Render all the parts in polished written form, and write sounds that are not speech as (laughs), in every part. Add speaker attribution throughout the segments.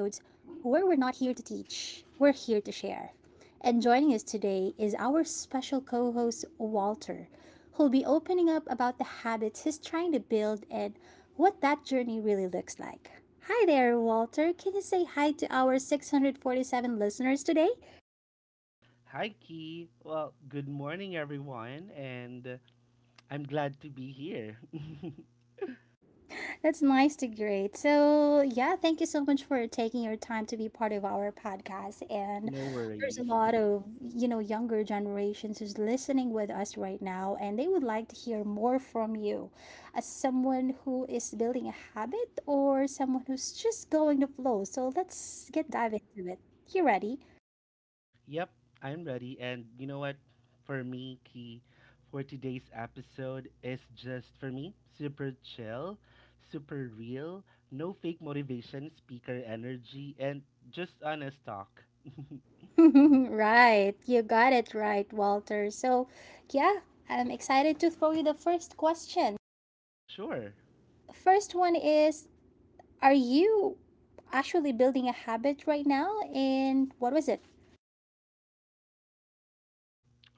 Speaker 1: where we're not here to teach, we're here to share. And joining us today is our special co host, Walter, who'll be opening up about the habits he's trying to build and what that journey really looks like. Hi there, Walter. Can you say hi to our 647 listeners today?
Speaker 2: Hi, Key. Well, good morning, everyone, and I'm glad to be here. (laughs)
Speaker 1: That's nice to great. So, yeah, thank you so much for taking your time to be part of our podcast. And
Speaker 2: No
Speaker 1: there's a
Speaker 2: worries.
Speaker 1: lot of, younger generations who's listening with us right now, and they would like to hear more from you as someone who is building a habit or someone who's just going the flow. So, let's get dive into it. You ready? (laughs)
Speaker 2: Yep, I'm ready. And you know what? For me, Key, for today's episode is just for me super chill, super real, no fake motivation, speaker energy, and just honest talk.
Speaker 1: Right. You got it right, Walter. So, yeah, I'm excited to throw you the first question.
Speaker 2: Sure.
Speaker 1: First one is, are you actually building a habit right now? And what was it?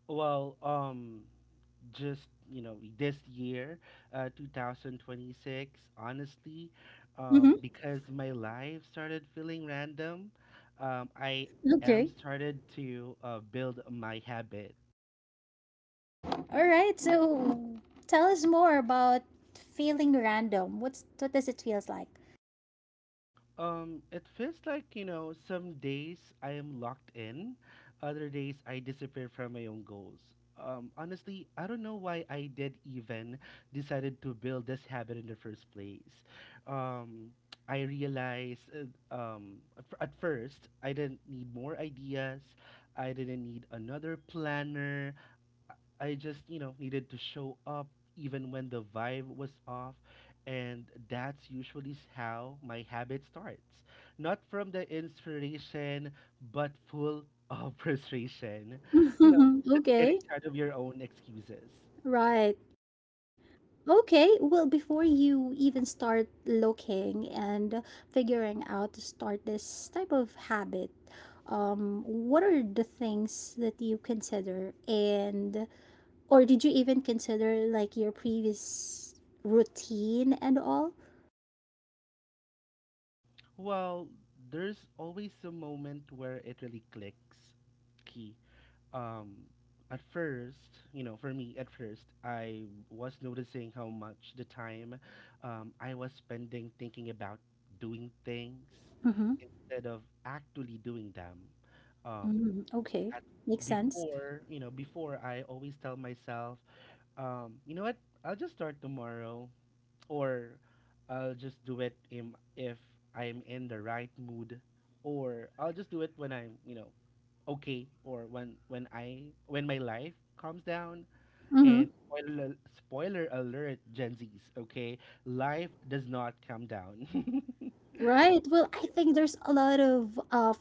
Speaker 2: Well, just you know this year 2026 honestly
Speaker 1: Mm-hmm.
Speaker 2: because my life started feeling random. I am
Speaker 1: Okay.
Speaker 2: started to build my habits.
Speaker 1: All right. So tell us more about feeling random. What does it feels like?
Speaker 2: It feels like, you know, some days I am locked in, other days I disappear from my own goals. Honestly, I don't know why I did even decided to build this habit in the first place. Um, I realized at first I didn't need more ideas. I didn't need another planner. I just, you know, needed to show up even when the vibe was off. And that's usually how my habit starts. Not from the inspiration, but full of (laughs) frustration. You know,
Speaker 1: (laughs)
Speaker 2: just
Speaker 1: Okay.
Speaker 2: getting tired of your own excuses.
Speaker 1: Right. Okay, well, before you even start looking and figuring out to start this type of habit, what are the things that you consider and or did you even consider like your previous routine and all?
Speaker 2: Well, there's always a moment where it really clicks, Key. Um, at first, you know, for me, at first, I was noticing how much the time I was spending thinking about doing things
Speaker 1: Mm-hmm.
Speaker 2: instead of actually doing them. Um,
Speaker 1: Mm-hmm. Okay,
Speaker 2: at
Speaker 1: makes sense.
Speaker 2: Before, you know, before I always tell myself, you know what, I'll just start tomorrow, or I'll just do it im if I'm in the right mood, or I'll just do it when I'm, you know, okay, or when my life calms down.
Speaker 1: Mm-hmm.
Speaker 2: And spoiler alert, Gen Zs, okay, life does not calm down, (laughs)
Speaker 1: Right. Well, I think there's a lot of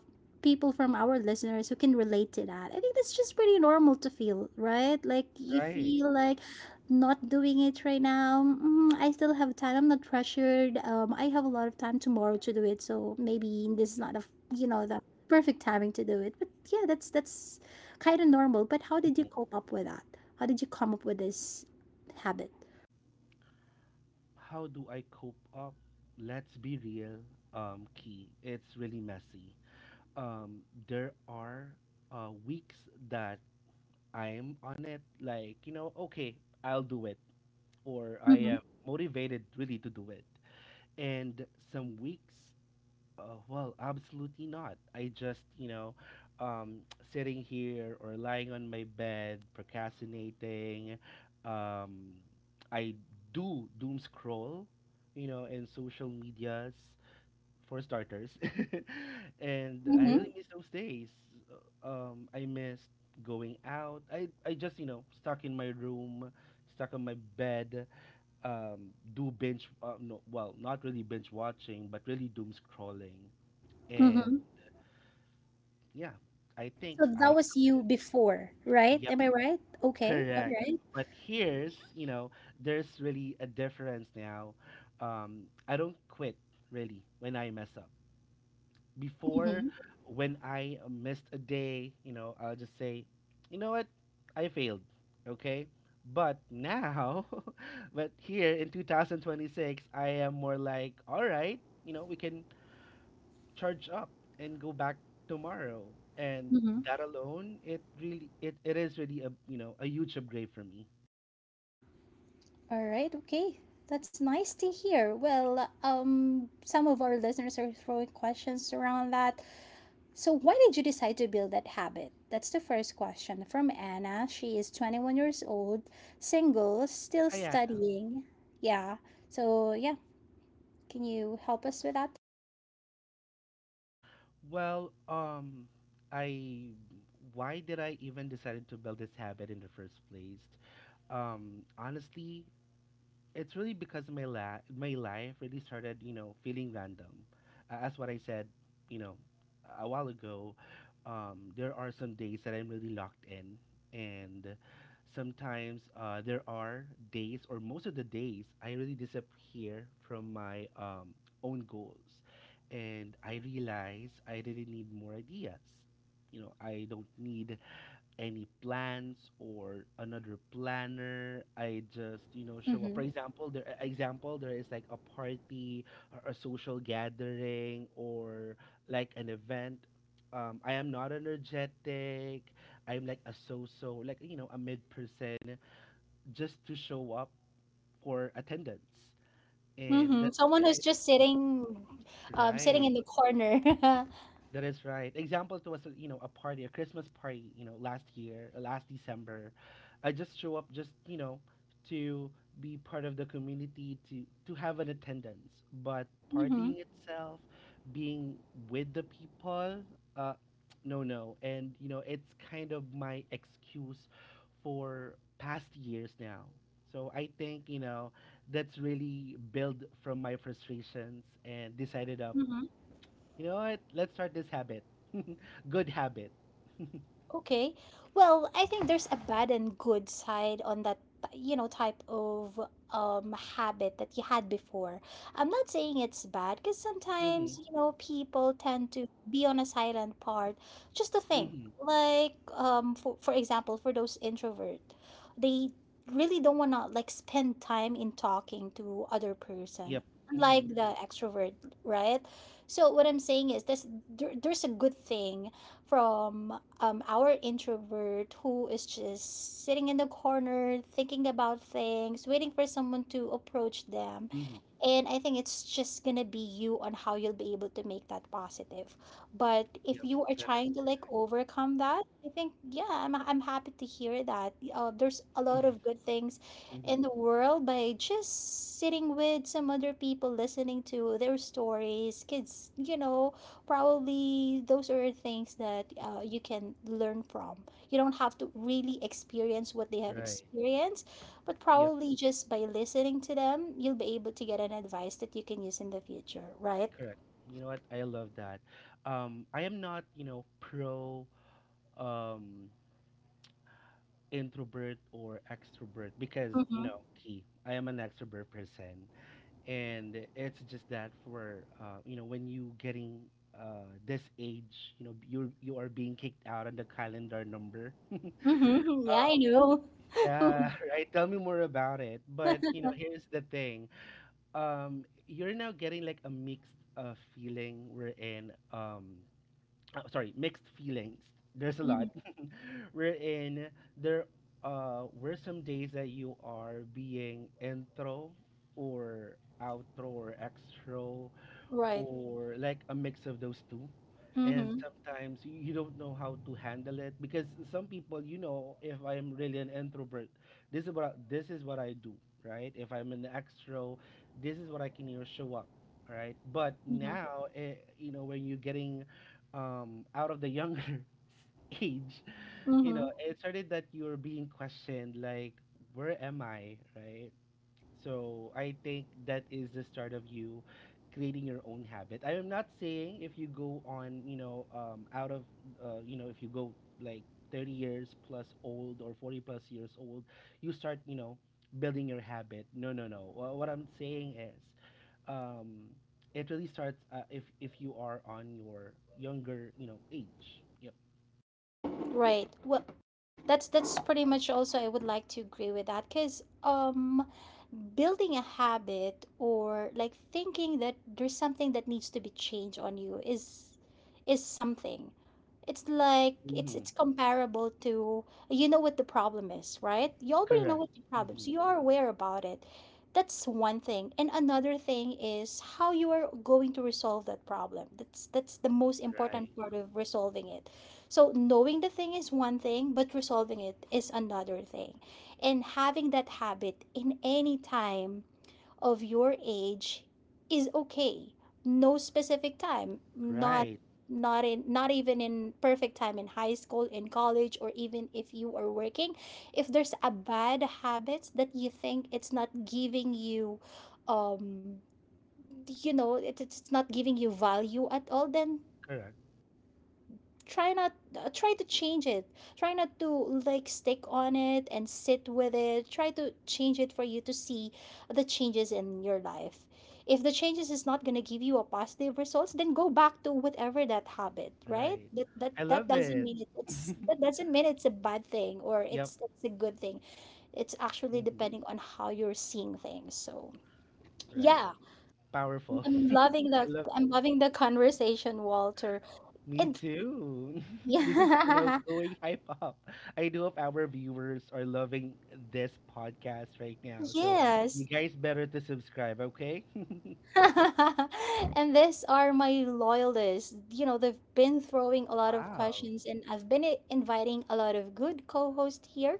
Speaker 1: people from our listeners who can relate to that. I think that's just pretty normal to feel, right? Like you
Speaker 2: right?
Speaker 1: feel like not doing it right now. Mm, I still have time. I'm not pressured. I have a lot of time tomorrow to do it. So maybe this is not a you know the perfect timing to do it. But yeah, that's kind of normal. But how did you cope up with that? How did you come up with this habit?
Speaker 2: How do I cope up? Let's be real, Key. It's really messy. Um, there are weeks that I'm on it, like, you know, okay, I'll do it, or
Speaker 1: Mm-hmm.
Speaker 2: I am motivated really to do it. And some weeks, well, absolutely not. I just, you know, um, sitting here or lying on my bed, procrastinating. Um, I do doom scroll, you know, in social medias for starters. (laughs) And I really miss those days. I missed going out. I just, you know, stuck in my room, stuck on my bed, do binge, no, well, not really binge watching, but really doom scrolling. And
Speaker 1: Mm-hmm.
Speaker 2: yeah, I think
Speaker 1: So that
Speaker 2: I
Speaker 1: was
Speaker 2: quit
Speaker 1: you
Speaker 2: it.
Speaker 1: before, right?
Speaker 2: Yep,
Speaker 1: Am I right? Okay. All
Speaker 2: correct.
Speaker 1: right.
Speaker 2: But here's, you know, there's really a difference now. I don't quit really when I mess up. Before
Speaker 1: Mm-hmm.
Speaker 2: when I missed a day, you know, I'll just say, you know what, I failed, okay? But now, (laughs) but here in 2026, I am more like, all right, you know, we can charge up and go back tomorrow. And
Speaker 1: Mm-hmm.
Speaker 2: that alone, it is really a, you know, a huge upgrade for me.
Speaker 1: All right. Okay. That's nice to hear. Well, some of our listeners are throwing questions around that. So, why did you decide to build that habit? That's the first question from Anna. She is 21 years old, single, still
Speaker 2: Hi, Anna.
Speaker 1: studying. Yeah. So, yeah. Can you help us with that?
Speaker 2: Well, I, why did I even decided to build this habit in the first place? Honestly, it's really because my life really started, you know, feeling random. As what I said, you know, a while ago, there are some days that I'm really locked in, and sometimes there are days, or most of the days, I really disappear from my own goals, and I realize I didn't need more ideas. You know, I don't need any plans or another planner. I just, you know, show up. For
Speaker 1: Mm-hmm.
Speaker 2: example, there is like a party or a social gathering or like an event. I am not energetic. I'm like a so-so, like you know, a mid person, just to show up for attendance, and
Speaker 1: Mm-hmm.
Speaker 2: that's
Speaker 1: Someone who's
Speaker 2: kind of
Speaker 1: just sitting, sitting
Speaker 2: right.
Speaker 1: in the corner. (laughs) Mm-hmm.
Speaker 2: That is right. Example to us, you know, a party, a Christmas party, you know, last year, last December. I just show up just, you know, to be part of the community, to have an attendance. But partying itself, being with the people, uh, no, no. And, you know, it's kind of my excuse for past years now. So I think, you know, that's really built from my frustrations and decided up,
Speaker 1: Mm-hmm.
Speaker 2: you know what? Let's start this habit. (laughs) Good habit.
Speaker 1: Okay. Well, I think there's a bad and good side on that, you know, type of habit that you had before. I'm not saying it's bad because
Speaker 2: Mm-hmm.
Speaker 1: sometimes, you know, people tend to be on a silent part just to think.
Speaker 2: Mm-hmm.
Speaker 1: Like, for example, for those introvert, they really don't want to like spend time in talking to other person.
Speaker 2: Yep. Mm-hmm.
Speaker 1: Unlike the extrovert, right? So what I'm saying is this there's a good thing from our introvert who is just sitting in the corner thinking about things waiting for someone to approach them,
Speaker 2: Mm-hmm.
Speaker 1: and I think it's just gonna be you on how you'll be able to make that positive. But if
Speaker 2: Yep.
Speaker 1: you are
Speaker 2: That is
Speaker 1: trying to like overcome that, I think yeah I'm happy to hear that there's a lot
Speaker 2: correct.
Speaker 1: of good things
Speaker 2: Mm-hmm.
Speaker 1: in the world by just sitting with some other people listening to their stories kids, you know, probably those are things that you can learn from. You don't have to really experience what they have
Speaker 2: Right.
Speaker 1: experienced, but
Speaker 2: Yep.
Speaker 1: probably just by listening to them, you'll be able to get an advice that you can use in the future, right?
Speaker 2: Correct. You know what? I love that. I am not, you know, pro um, introvert or extrovert because, you
Speaker 1: Mm-hmm.
Speaker 2: know, Key, I am an extrovert person, and it's just that for, you know, when you getting this age, you know, you are being kicked out on the calendar number. (laughs)
Speaker 1: Mm-hmm. (laughs) Yeah, I know.
Speaker 2: Yeah, (laughs) right. Tell me more about it. But you know, here's the thing. You're now getting like a mixed feeling. We're in Sorry, mixed feelings. There's a
Speaker 1: Mm-hmm.
Speaker 2: lot. (laughs) We're in there. Were some days that you are being intro or outro or extra
Speaker 1: Right.
Speaker 2: or like a mix of those two. And
Speaker 1: Mm-hmm.
Speaker 2: sometimes you don't know how to handle it because some people, you know, if I'm really an introvert, this is what I do, right? If I'm an extro, this is what I can, you know, show up, right? But
Speaker 1: Mm-hmm.
Speaker 2: now, you know, when you're getting out of the younger (laughs) age, you know,
Speaker 1: Mm-hmm.
Speaker 2: it started that you're being questioned, like, where am I, right? So I think that is the start of you creating your own habit. I am not saying if you go on, you know, you know, if you go like 30 years plus old or 40 plus years old, you start, you know, building your habit. No, no, no. What I'm saying is, um, it really starts if you are on your younger, you know, age. Yep.
Speaker 1: Right. Well, that's pretty much also I would like to agree with that because building a habit or like thinking that there's something that needs to be changed on you is something, it's like it's
Speaker 2: Mm-hmm.
Speaker 1: it's comparable to you know what the problem is, right? You already know
Speaker 2: Correct.
Speaker 1: what the problem is.
Speaker 2: Mm-hmm.
Speaker 1: You are aware about it. That's one thing. And another thing is how you are going to resolve that problem. That's the most
Speaker 2: Right.
Speaker 1: important part of resolving it. So knowing the thing is one thing, but resolving it is another thing. And having that habit in any time of your age is okay. No specific time, not
Speaker 2: Right.
Speaker 1: not in not even in perfect time in high school, in college, or even if you are working. If there's a bad habit that you think it's not giving you um you know, it, it's not giving you value at all, then
Speaker 2: Correct.
Speaker 1: try not try to change it, try not to like stick on it and sit with it, try to change it for you to see the changes in your life. If the changes is not going to give you a positive results, then go back to whatever that habit, right?
Speaker 2: Right. I
Speaker 1: That
Speaker 2: love
Speaker 1: doesn't
Speaker 2: it.
Speaker 1: mean it,
Speaker 2: (laughs)
Speaker 1: it's that doesn't mean it's a bad thing or
Speaker 2: Yep.
Speaker 1: it's a good thing. It's actually
Speaker 2: Hmm.
Speaker 1: depending on how you're seeing things. So
Speaker 2: Right.
Speaker 1: yeah,
Speaker 2: Powerful.
Speaker 1: I'm
Speaker 2: (laughs) I
Speaker 1: loving the
Speaker 2: love that.
Speaker 1: I'm loving the conversation, Walter.
Speaker 2: Me
Speaker 1: And
Speaker 2: too.
Speaker 1: (laughs)
Speaker 2: (laughs) This is, you know,
Speaker 1: yeah.
Speaker 2: going hype up. I do hope our viewers are loving this podcast right now. So
Speaker 1: Yes.
Speaker 2: you guys better to subscribe, okay? (laughs)
Speaker 1: (laughs) And these are my loyalists. You know, they've been throwing a lot of
Speaker 2: Wow.
Speaker 1: questions, and I've been inviting a lot of good co-hosts here,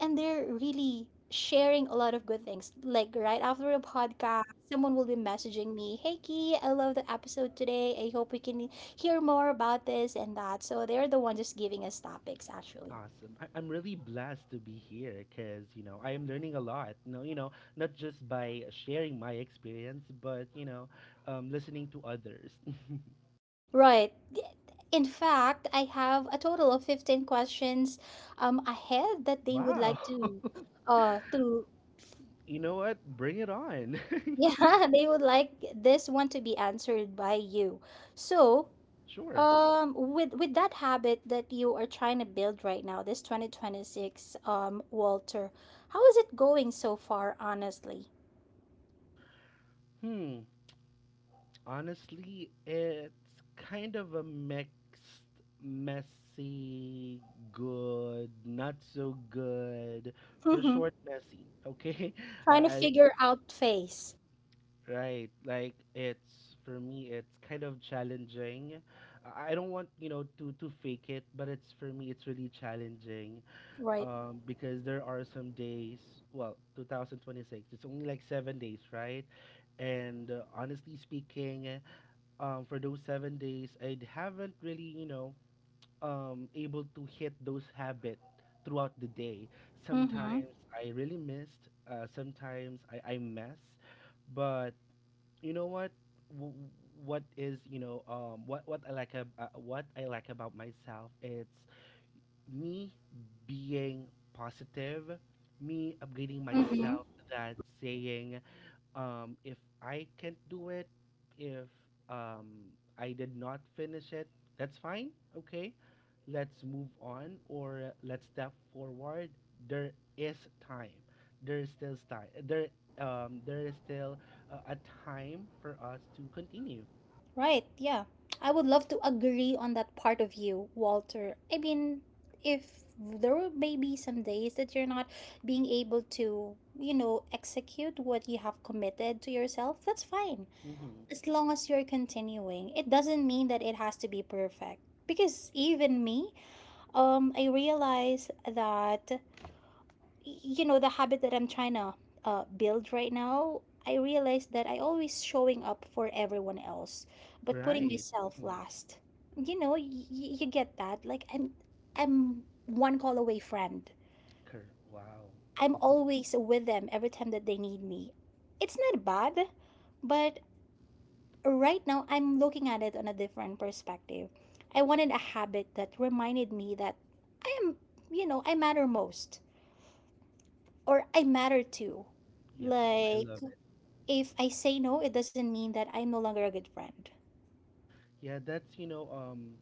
Speaker 1: and they're really sharing a lot of good things. Like right after the podcast, someone will be messaging me, Hey Key, I love the episode today. I hope we can hear more about this and that. So they're the ones just giving us topics, actually.
Speaker 2: Awesome. I'm really blessed to be here because, you know, I am learning a lot. No, you know, not just by sharing my experience, but, you know, listening to others. (laughs)
Speaker 1: Right. In fact, I have a total of 15 questions ahead that they would
Speaker 2: Wow.
Speaker 1: like
Speaker 2: (laughs)
Speaker 1: to uh to
Speaker 2: You know what? Bring it on.
Speaker 1: (laughs)
Speaker 2: (laughs)
Speaker 1: yeah, they would like this one to be answered by you. So,
Speaker 2: Sure.
Speaker 1: with that habit that you are trying to build right now, this 2026 Walter, how is it going so far honestly?
Speaker 2: Hmm. Honestly, it's kind of a mixed, messy, good, not so good. For short, messy. Okay.
Speaker 1: (laughs)
Speaker 2: (laughs) Uh,
Speaker 1: Trying to
Speaker 2: I, I-
Speaker 1: figure out face,
Speaker 2: right. Like it's for me, it's kind of challenging. I don't want you know to fake it, but it's for me, it's really challenging.
Speaker 1: right?
Speaker 2: Because there are some days. Well, 2026, it's only like 7 days, right? And honestly speaking, for those 7 days, I haven't really, you know, able to hit those habits throughout the day.
Speaker 1: Mhm.
Speaker 2: Sometimes I really missed. Sometimes I mess. But you know what? W- what I like ab- what I like about myself? It's me being positive, me upgrading
Speaker 1: Mhm.
Speaker 2: myself. That saying if I can't do it, if I did not finish it, that's fine. Okay, let's move on, or let's step forward. There is time. There is still time. There is still a time for us to continue.
Speaker 1: Right, yeah. I would love to agree on that part of you, Walter. I mean, if there will maybe some days that you're not being able to, you know, execute what you have committed to yourself, that's fine.
Speaker 2: Mm-hmm.
Speaker 1: As long as you're continuing, it doesn't mean that it has to be perfect. Because even me, I realize that you know the habit that I'm trying to build right now. I realized that I always showing up for everyone else but putting Mm.
Speaker 2: Right.
Speaker 1: myself
Speaker 2: Mm-hmm.
Speaker 1: last. You know you get that, like I'm one call away friend.
Speaker 2: Cor- Wow.
Speaker 1: I'm always with them every time that they need me. It's not bad, but right now I'm looking at it on a different perspective. I wanted a habit that reminded me that I am, you know, I matter most, or I matter too.
Speaker 2: Yep. I
Speaker 1: Like,
Speaker 2: love it.
Speaker 1: if I say no, it doesn't mean that I'm no longer a good friend.
Speaker 2: Yeah, that's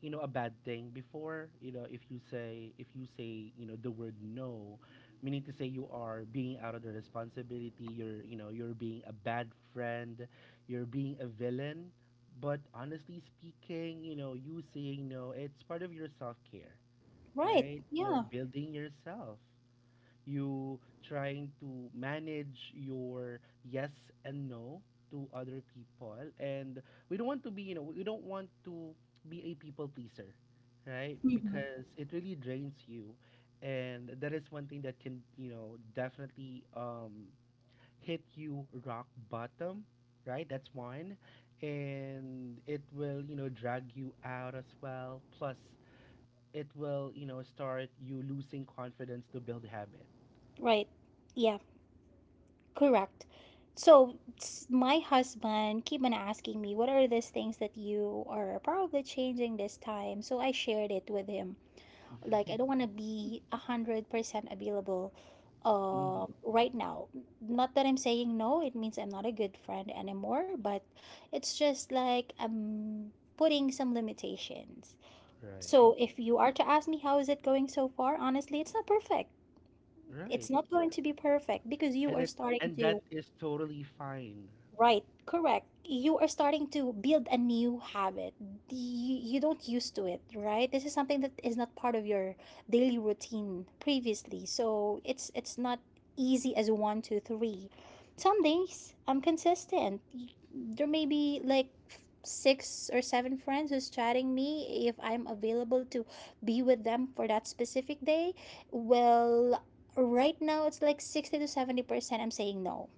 Speaker 2: you know a bad thing before, you know, if you say, you know, the word no, meaning to say you are being out of the responsibility, you're, you know, you're being a bad friend, you're being a villain. But honestly speaking, you know, you saying no, it's part of your self-care,
Speaker 1: Right.
Speaker 2: right? You
Speaker 1: Yeah.
Speaker 2: know, building yourself, you trying to manage your yes and no to other people, and we don't want to be, you know, we don't want to be a people pleaser, right?
Speaker 1: Hmm.
Speaker 2: Because it really drains you, and that is one thing that can, you know, definitely hit you rock bottom, right? That's one, and it will, you know, drag you out as well. Plus it will, you know, start you losing confidence to build habits.
Speaker 1: Right. Yeah. Correct. So my husband keep on asking me, what are these things that you are probably changing this time? So I shared it with him. Like I don't want to be 100% available
Speaker 2: Mhm.
Speaker 1: right now. Not that I'm saying no, it means I'm not a good friend anymore, but it's just like I'm putting some limitations.
Speaker 2: Right.
Speaker 1: So if you are to ask me how is it going so far, honestly, it's not perfect.
Speaker 2: Right.
Speaker 1: It's not going to be perfect because you
Speaker 2: And
Speaker 1: are
Speaker 2: it
Speaker 1: starting
Speaker 2: and that
Speaker 1: to
Speaker 2: is totally fine.
Speaker 1: Right, correct. You are starting to build a new habit. You don't used to it, right? This is something that is not part of your daily routine previously. So it's not easy as one, two, three. Some days I'm consistent. There may be like six or seven friends who's chatting me if I'm available to be with them for that specific day. Well, right now it's like 60 to 70% I'm saying no.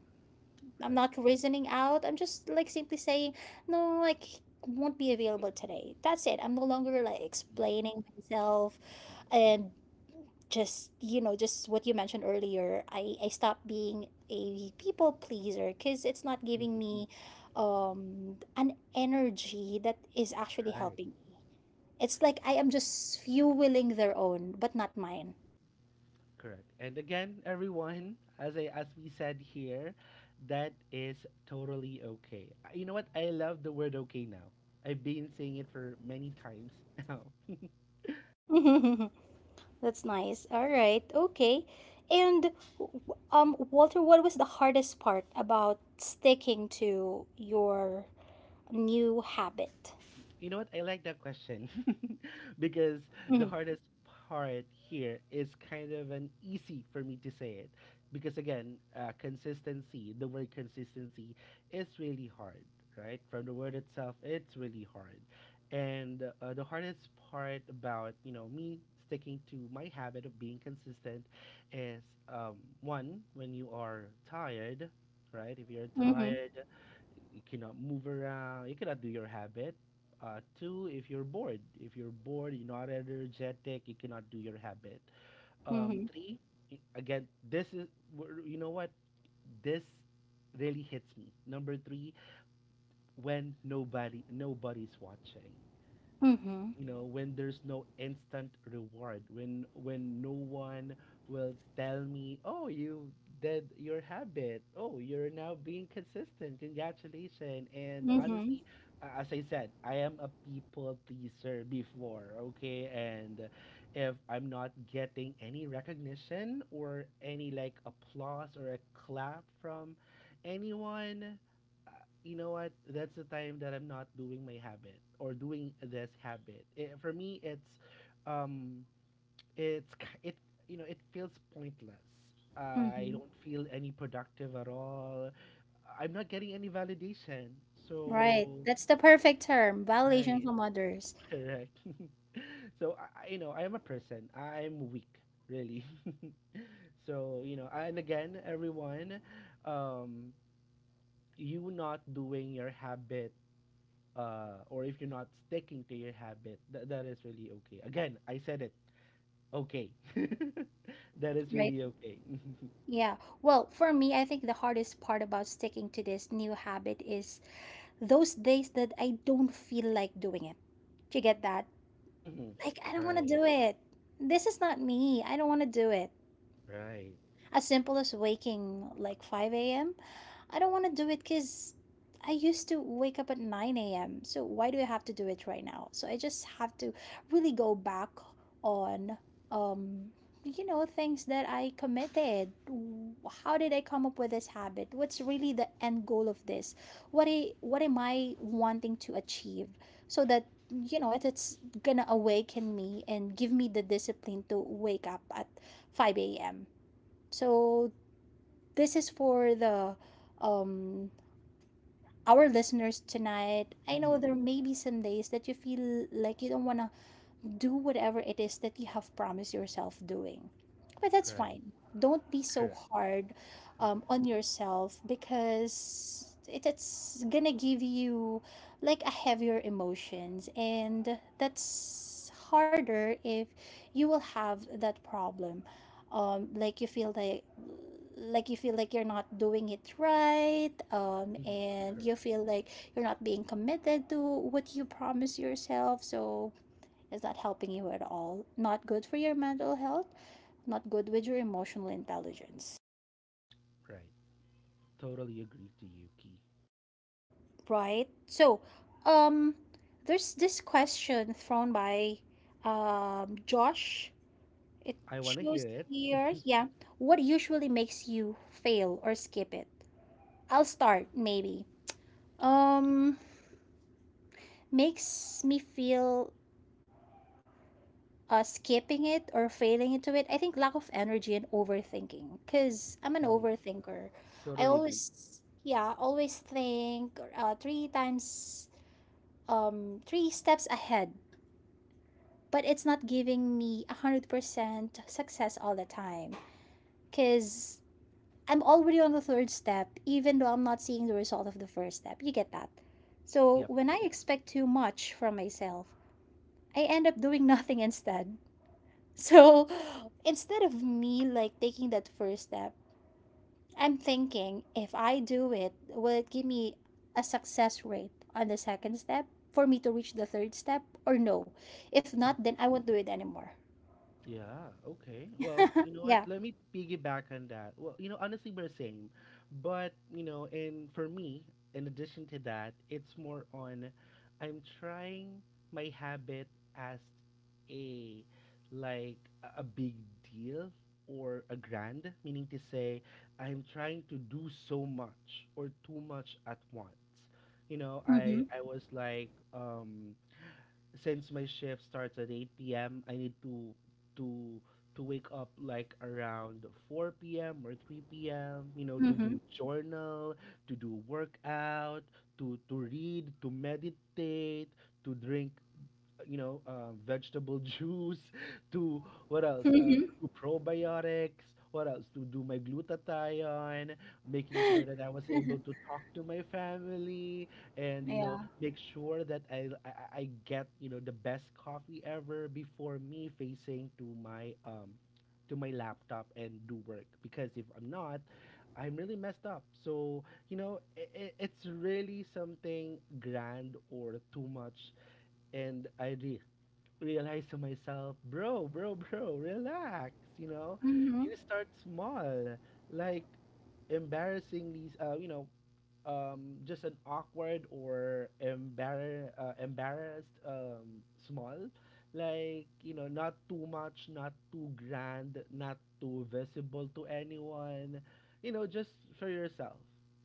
Speaker 1: I'm
Speaker 2: Right.
Speaker 1: not reasoning out. I'm just like simply saying, no, I won't be available today. That's it. I'm no longer like
Speaker 2: Yeah.
Speaker 1: explaining myself
Speaker 2: Mhm.
Speaker 1: and just you know just what you mentioned earlier. I stopped being a people pleaser because it's not giving
Speaker 2: Mhm.
Speaker 1: me an energy that is actually
Speaker 2: Right.
Speaker 1: helping me. It's like I am just fueling their own, but not mine.
Speaker 2: Correct. And again, everyone, as I as we said here, that is totally okay. You know what? I love the word okay now. I've been saying it for many times (laughs) now.
Speaker 1: (laughs) That's nice. All right. Okay. And w- Walter, what was the hardest part about sticking to your new habit?
Speaker 2: You know what? I like that question (laughs) because the
Speaker 1: Mhm.
Speaker 2: hardest part here is kind of an easy for me to say it because again, consistency, the word consistency is really hard, right? From the word itself, it's really hard. And the hardest part about, you know, me sticking to my habit of being consistent is um, one, when you are tired, right? If you're
Speaker 1: Mhm.
Speaker 2: tired, you cannot move around, you cannot do your habit. Two, if you're bored, you're not energetic, you cannot do your habit.
Speaker 1: Mhm.
Speaker 2: Three, again, you know what, this really hits me, number three, when nobody's watching.
Speaker 1: Mhm.
Speaker 2: You know, when there's no instant reward, when no one will tell me, oh, you did your habit, oh, you're now being consistent, congratulations. And
Speaker 1: Mhm.
Speaker 2: honestly, as I said, I am a people pleaser before, okay, and if I'm not getting any recognition or any like applause or a clap from anyone, you know what? That's the time that I'm not doing my habit or doing this habit. Eh, for me, um, it's k- it. You know, it feels pointless. I
Speaker 1: Mhm.
Speaker 2: don't feel any productive at all. I'm not getting any validation.
Speaker 1: Right.
Speaker 2: So
Speaker 1: That's the perfect term, validation
Speaker 2: right,
Speaker 1: from others.
Speaker 2: (laughs) correct. (laughs) So I you know, I am a person. I'm weak, really. (laughs) So you know, and again, everyone, um, you not doing your habit, or if you're not sticking to your habit, that is really okay. Again, I said it. Okay. (laughs) That is
Speaker 1: Right.
Speaker 2: really okay.
Speaker 1: Yeah. Well, for me, I think the hardest part about sticking to this new habit is those days that I don't feel like doing it. Do you get that?
Speaker 2: (laughs) Mm-hmm.
Speaker 1: Like, I don't want to
Speaker 2: Right.
Speaker 1: do it. This is not me. I don't want to do it.
Speaker 2: Right.
Speaker 1: As simple as waking like 5 a.m. I don't want to do it because I used to wake up at 9 a.m. So why do I have to do it right now? So I just have to really go back on, um, things that I committed. How did I come up with this habit? What's really the end goal of this? What am I wanting to achieve? So that it's gonna awaken me and give me the discipline to wake up at 5 a.m. So this is for the um our listeners tonight. I know
Speaker 2: Mm-hmm.
Speaker 1: there may be some days that you feel like you don't want to do whatever it is that you have promised yourself doing. But that's
Speaker 2: Right.
Speaker 1: fine. Don't be so
Speaker 2: Correct.
Speaker 1: hard
Speaker 2: Mm-hmm.
Speaker 1: on yourself because it's gonna give you like a heavier emotions, and that's harder if you will have that problem. Um, like you feel like like you feel like you're not doing it right,
Speaker 2: Mm-hmm.
Speaker 1: and
Speaker 2: Correct.
Speaker 1: you feel like you're not being committed to what you promise yourself. So is that helping you at all? Not good for your mental health, not good with your emotional intelligence.
Speaker 2: Right. Totally agree to you, Key.
Speaker 1: Right? So, um there's this question thrown by Josh. It
Speaker 2: I want to hear
Speaker 1: shows
Speaker 2: it.
Speaker 1: here, yeah. What usually makes you fail or skip it? I'll start maybe. Um Makes me feel, skipping it or failing into it. I think lack of energy and overthinking because I'm an
Speaker 2: Mm-hmm.
Speaker 1: overthinker. I
Speaker 2: Totally agree.
Speaker 1: always, yeah, always think three times, three steps ahead, but it's not giving me 100% success all the time because I'm already on the third step, even though I'm not seeing the result of the first step. You get that? So
Speaker 2: Yep.
Speaker 1: when I expect too much from myself, I end up doing (laughs) nothing instead. So instead of me like taking that first step, I'm thinking if I do it, will it give me a success rate on the second step for me to reach the third step or no? If not, then I won't do it anymore.
Speaker 2: Yeah, okay. Well,
Speaker 1: (laughs)
Speaker 2: you know what?
Speaker 1: Yeah.
Speaker 2: Let me piggyback on that. Well, you know, honestly, we're same. But, you know, and for me, in addition to that, it's more on I'm trying my habit as a like a big deal or a grand, meaning to say I'm trying to do so much or too much at once. You know,
Speaker 1: Mm-hmm.
Speaker 2: I was like since my shift starts at 8 p.m., I need to to wake up like around 4 p.m. or 3 p.m., you know, to
Speaker 1: Mm-hmm.
Speaker 2: do journal, to do workout, to read, to meditate, to drink, you know, vegetable (laughs) juice, to, what else? To
Speaker 1: Mm-hmm.
Speaker 2: do probiotics. What else? To do my glutathione, making sure that I was able to talk to my family, and
Speaker 1: (laughs)
Speaker 2: you
Speaker 1: Yeah.
Speaker 2: know, make sure that I I get, you know, the best coffee ever before me facing to my laptop and do work because if I'm not, I'm really messed up. So you know, it's really something grand or too much, and I really realize to myself, bro, bro, bro, relax. You know,
Speaker 1: Mm-hmm.
Speaker 2: you start small, like embarrassing these, you know, just an awkward or embarrassed, small. Like, you know, not too much, not too grand, not too visible to anyone. You know, just for yourself.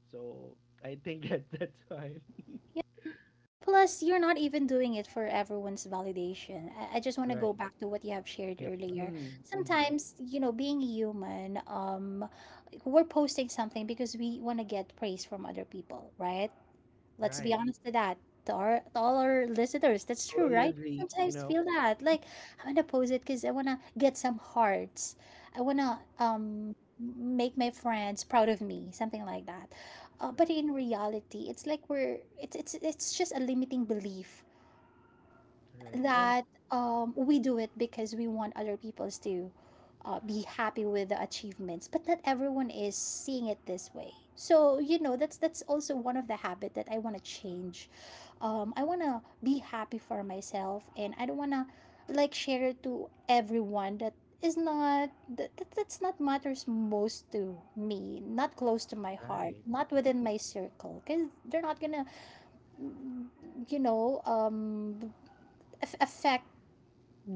Speaker 2: So I think that (laughs) that's fine.
Speaker 1: Plus, you're not even doing it for everyone's validation. I just want to
Speaker 2: Right.
Speaker 1: go back to what you have shared
Speaker 2: Yep.
Speaker 1: earlier.
Speaker 2: Mm-hmm.
Speaker 1: Sometimes, you know, being human, we're posting something because we want to get praise from other people, right? Let's be
Speaker 2: Right.
Speaker 1: honest to that. To all our listeners, that's true,
Speaker 2: Totally
Speaker 1: right? We
Speaker 2: agree, you
Speaker 1: sometimes
Speaker 2: know?
Speaker 1: feel that. Like I'm gonna post it because I wanna get some hearts. I wanna make my friends proud of me, something like that. But
Speaker 2: Right.
Speaker 1: in reality, it's like we're it's just a limiting belief
Speaker 2: Right. And
Speaker 1: that we do it because we want other peoples to, be happy with the achievements, but not everyone is seeing it this way. So you know, that's also one of the habit that I want to change. I want to be happy for myself and I don't want to like share it to everyone that is not that's not matters most to me, not close to my heart,
Speaker 2: right.
Speaker 1: not
Speaker 2: Mhm,
Speaker 1: within my circle, because they're not gonna, you know, affect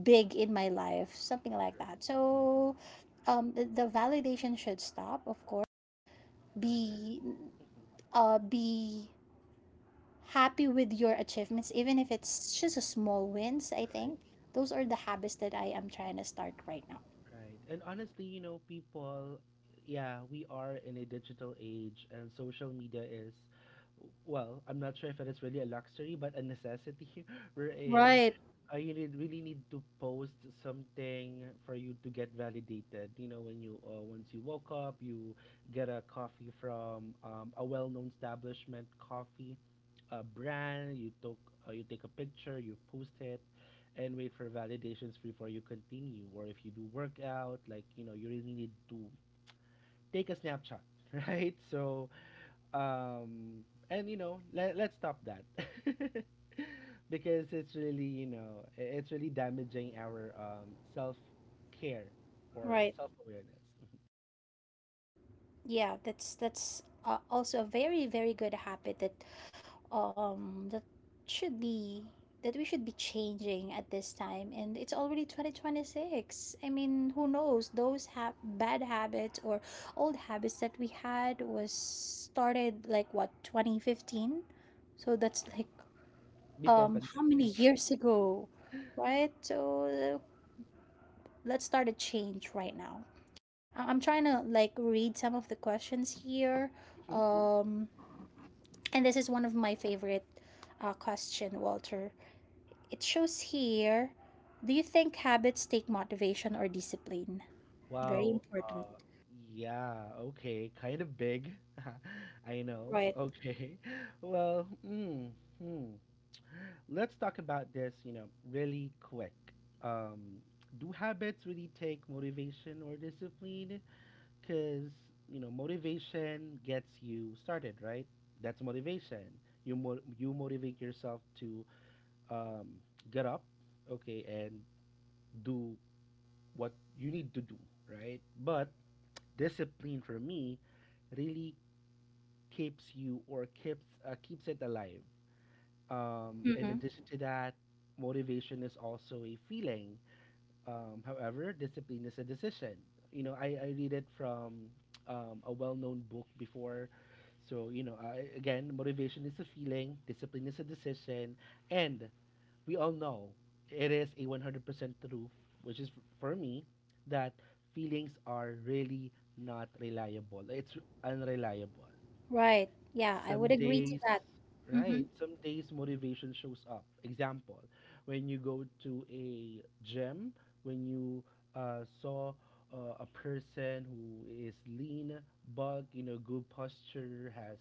Speaker 1: big in my life, something like
Speaker 2: correct.
Speaker 1: that.
Speaker 2: Mhm,
Speaker 1: So, the validation should stop, of course.
Speaker 2: right.
Speaker 1: Be,
Speaker 2: Mhm,
Speaker 1: be happy with your achievements, even if it's just a small wins. I
Speaker 2: right.
Speaker 1: think those are the habits that I am trying to start right now.
Speaker 2: Right. And honestly, you know, people, yeah, we are in a digital age and social media is, well, I'm not sure if it is really a luxury, but a necessity. (laughs) We're in. You need, really need to post something for you to get validated. You know, when you once you woke up, you get a coffee from, a well-known establishment coffee brand. You took you take a picture, you post it, and wait for validations before you continue, or if you do workout, like you know, you really need to take a snapshot. (laughs) Right, so um and you know, let's stop that (laughs) because it's really, you know, it's really damaging our self-care or
Speaker 1: Right.
Speaker 2: self-awareness
Speaker 1: Yeah, that's also a very, very good habit that um that should be, that we should be changing at this time. And it's already 2026. I mean, who knows, those bad habits or old habits that we had was started like what, 2015. So that's like,
Speaker 2: before
Speaker 1: how many
Speaker 2: pandemic.
Speaker 1: years ago, right? So, let's start a change right now. I'm trying to like read some of the questions here.
Speaker 2: (laughs)
Speaker 1: Um, and this is one of my favorite, question, Walter. It shows here, do you think habits take motivation or discipline? Very
Speaker 2: Wow.
Speaker 1: important.
Speaker 2: Yeah, okay, kind of big. (laughs) I know.
Speaker 1: Right.
Speaker 2: Okay. (laughs) Well, hmm let's talk about this, you know, really quick. Um, do habits really take motivation or discipline? Because, you know, motivation gets you started, right? That's motivation. You, you motivate yourself to, um, get up, okay, and do what you need to do, right? But discipline for me really keeps you, or keeps keeps it alive. In
Speaker 1: Mm-hmm.
Speaker 2: addition to that, motivation is also a feeling. However, discipline is a decision. You know, I read it from a well known book before. So, you know, I, again, motivation is a feeling, discipline is a decision, and we all know it is a 100% truth, which is for me that feelings are really not reliable. It's unreliable
Speaker 1: Right. Yeah, I
Speaker 2: some
Speaker 1: would agree to
Speaker 2: days,
Speaker 1: that. Mm-hmm.
Speaker 2: right? Some days motivation shows up. Example, when you go to a gym, when you saw a person who is lean, bulk, you know, good posture, has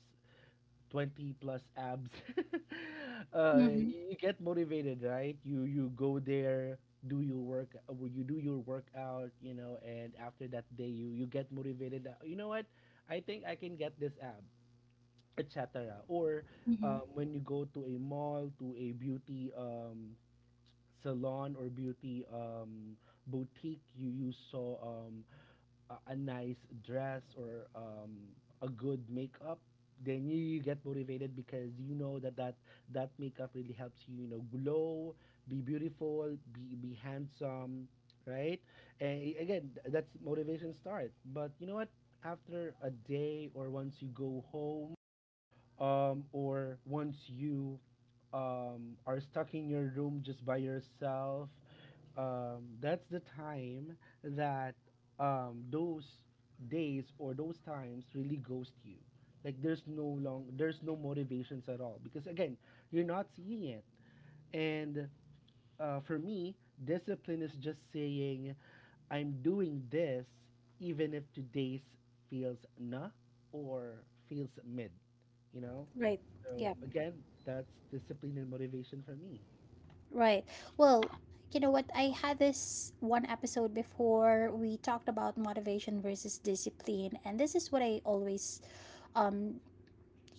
Speaker 2: 20 plus abs. (laughs)
Speaker 1: Mm-hmm.
Speaker 2: You get motivated, right? You go there, do your work, you do your workout, you know, and after that day you, you get motivated. You know what? I think I can get this ab, etc. Or,
Speaker 1: Mm-hmm.
Speaker 2: when you go to a mall, to a beauty, salon or beauty, boutique, you saw, a nice dress or, a good makeup. Then you get motivated because you know that, that that makeup really helps you, you know, glow, be beautiful, be handsome, right? And again, that's motivation start. But you know what? After a day or once you go home, or once you, are stuck in your room just by yourself, that's the time that, those days or those times really ghost you. Like there's no long, there's no motivations at all because again, you're not seeing it, and for me, discipline is just saying, I'm doing this even if today's feels nah, or feels mid, you know?
Speaker 1: Right.
Speaker 2: So
Speaker 1: Yeah.
Speaker 2: again, that's discipline and motivation for me.
Speaker 1: Right. Well, you know what? I had this one episode before we talked about motivation versus discipline, and this is what I always, um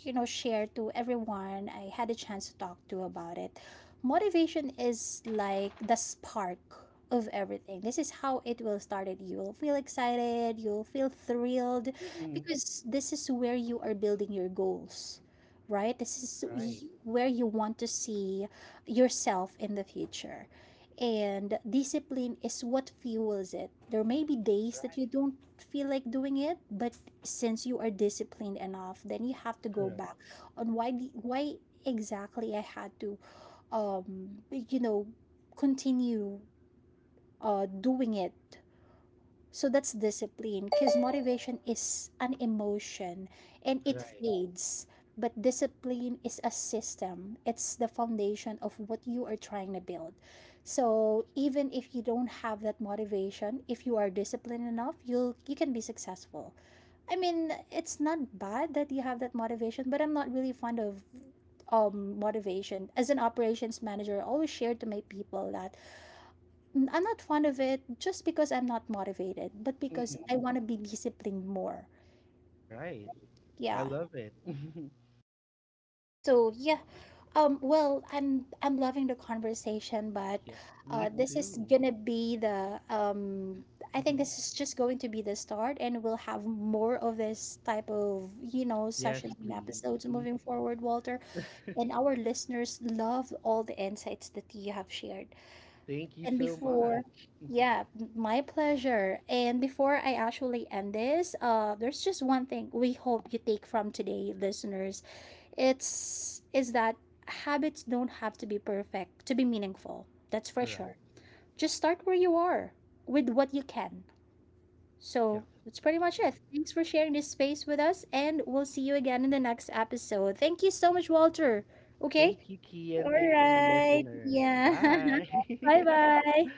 Speaker 1: share to everyone I had a chance to talk to about it. Motivation is like the spark of everything. This is how it will start it. You will feel excited, you'll feel thrilled
Speaker 2: Hmm.
Speaker 1: because this is where you are building your goals. Right? This is
Speaker 2: Right.
Speaker 1: where you want to see yourself in the future. And discipline is what fuels it. There may be days that you don't feel like doing it, but since you are disciplined enough, then you have to go
Speaker 2: Correct.
Speaker 1: back on why why exactly I had to, um you know continue doing it. So that's discipline, because motivation is an emotion and it
Speaker 2: Right.
Speaker 1: fades. But discipline is a system, it's the foundation of what you are trying to build. So even if you don't have that motivation, if you are disciplined enough, you can be successful. I mean, it's not bad that you have that motivation, but I'm not really fond of, motivation. As an operations manager, I always share to my people that, I'm not fond of it just because I'm not motivated, but because
Speaker 2: Hmm.
Speaker 1: I want to be disciplined more.
Speaker 2: Right. I
Speaker 1: Yeah.
Speaker 2: love it. (laughs)
Speaker 1: So yeah. Well, I'm loving the conversation, but
Speaker 2: Yep. Me
Speaker 1: this is
Speaker 2: too.
Speaker 1: gonna be the I think
Speaker 2: Hmm.
Speaker 1: this is just going to be the start, and we'll have more of this type of, you know,
Speaker 2: Yes,
Speaker 1: sessions and
Speaker 2: please.
Speaker 1: episodes
Speaker 2: Mhm.
Speaker 1: moving forward, Walter. And our listeners love all the insights that you have shared.
Speaker 2: Thank you
Speaker 1: And
Speaker 2: so
Speaker 1: before,
Speaker 2: much.
Speaker 1: yeah, my pleasure. And before I actually end this, there's just one thing we hope you take from today, listeners. It's is that habits don't have to be perfect to be meaningful. That's for
Speaker 2: Correct.
Speaker 1: sure. Just start where you are with what you can.
Speaker 2: Yeah.
Speaker 1: So that's pretty much it.
Speaker 2: Correct.
Speaker 1: Thanks for sharing this space with us, and we'll see you again in the next episode. Thank you so much, Walter. Okay.
Speaker 2: Thank you,
Speaker 1: All
Speaker 2: Kian. Thank you,
Speaker 1: right.
Speaker 2: listeners.
Speaker 1: Yeah.
Speaker 2: Bye.
Speaker 1: (laughs) Bye
Speaker 2: (laughs)
Speaker 1: bye.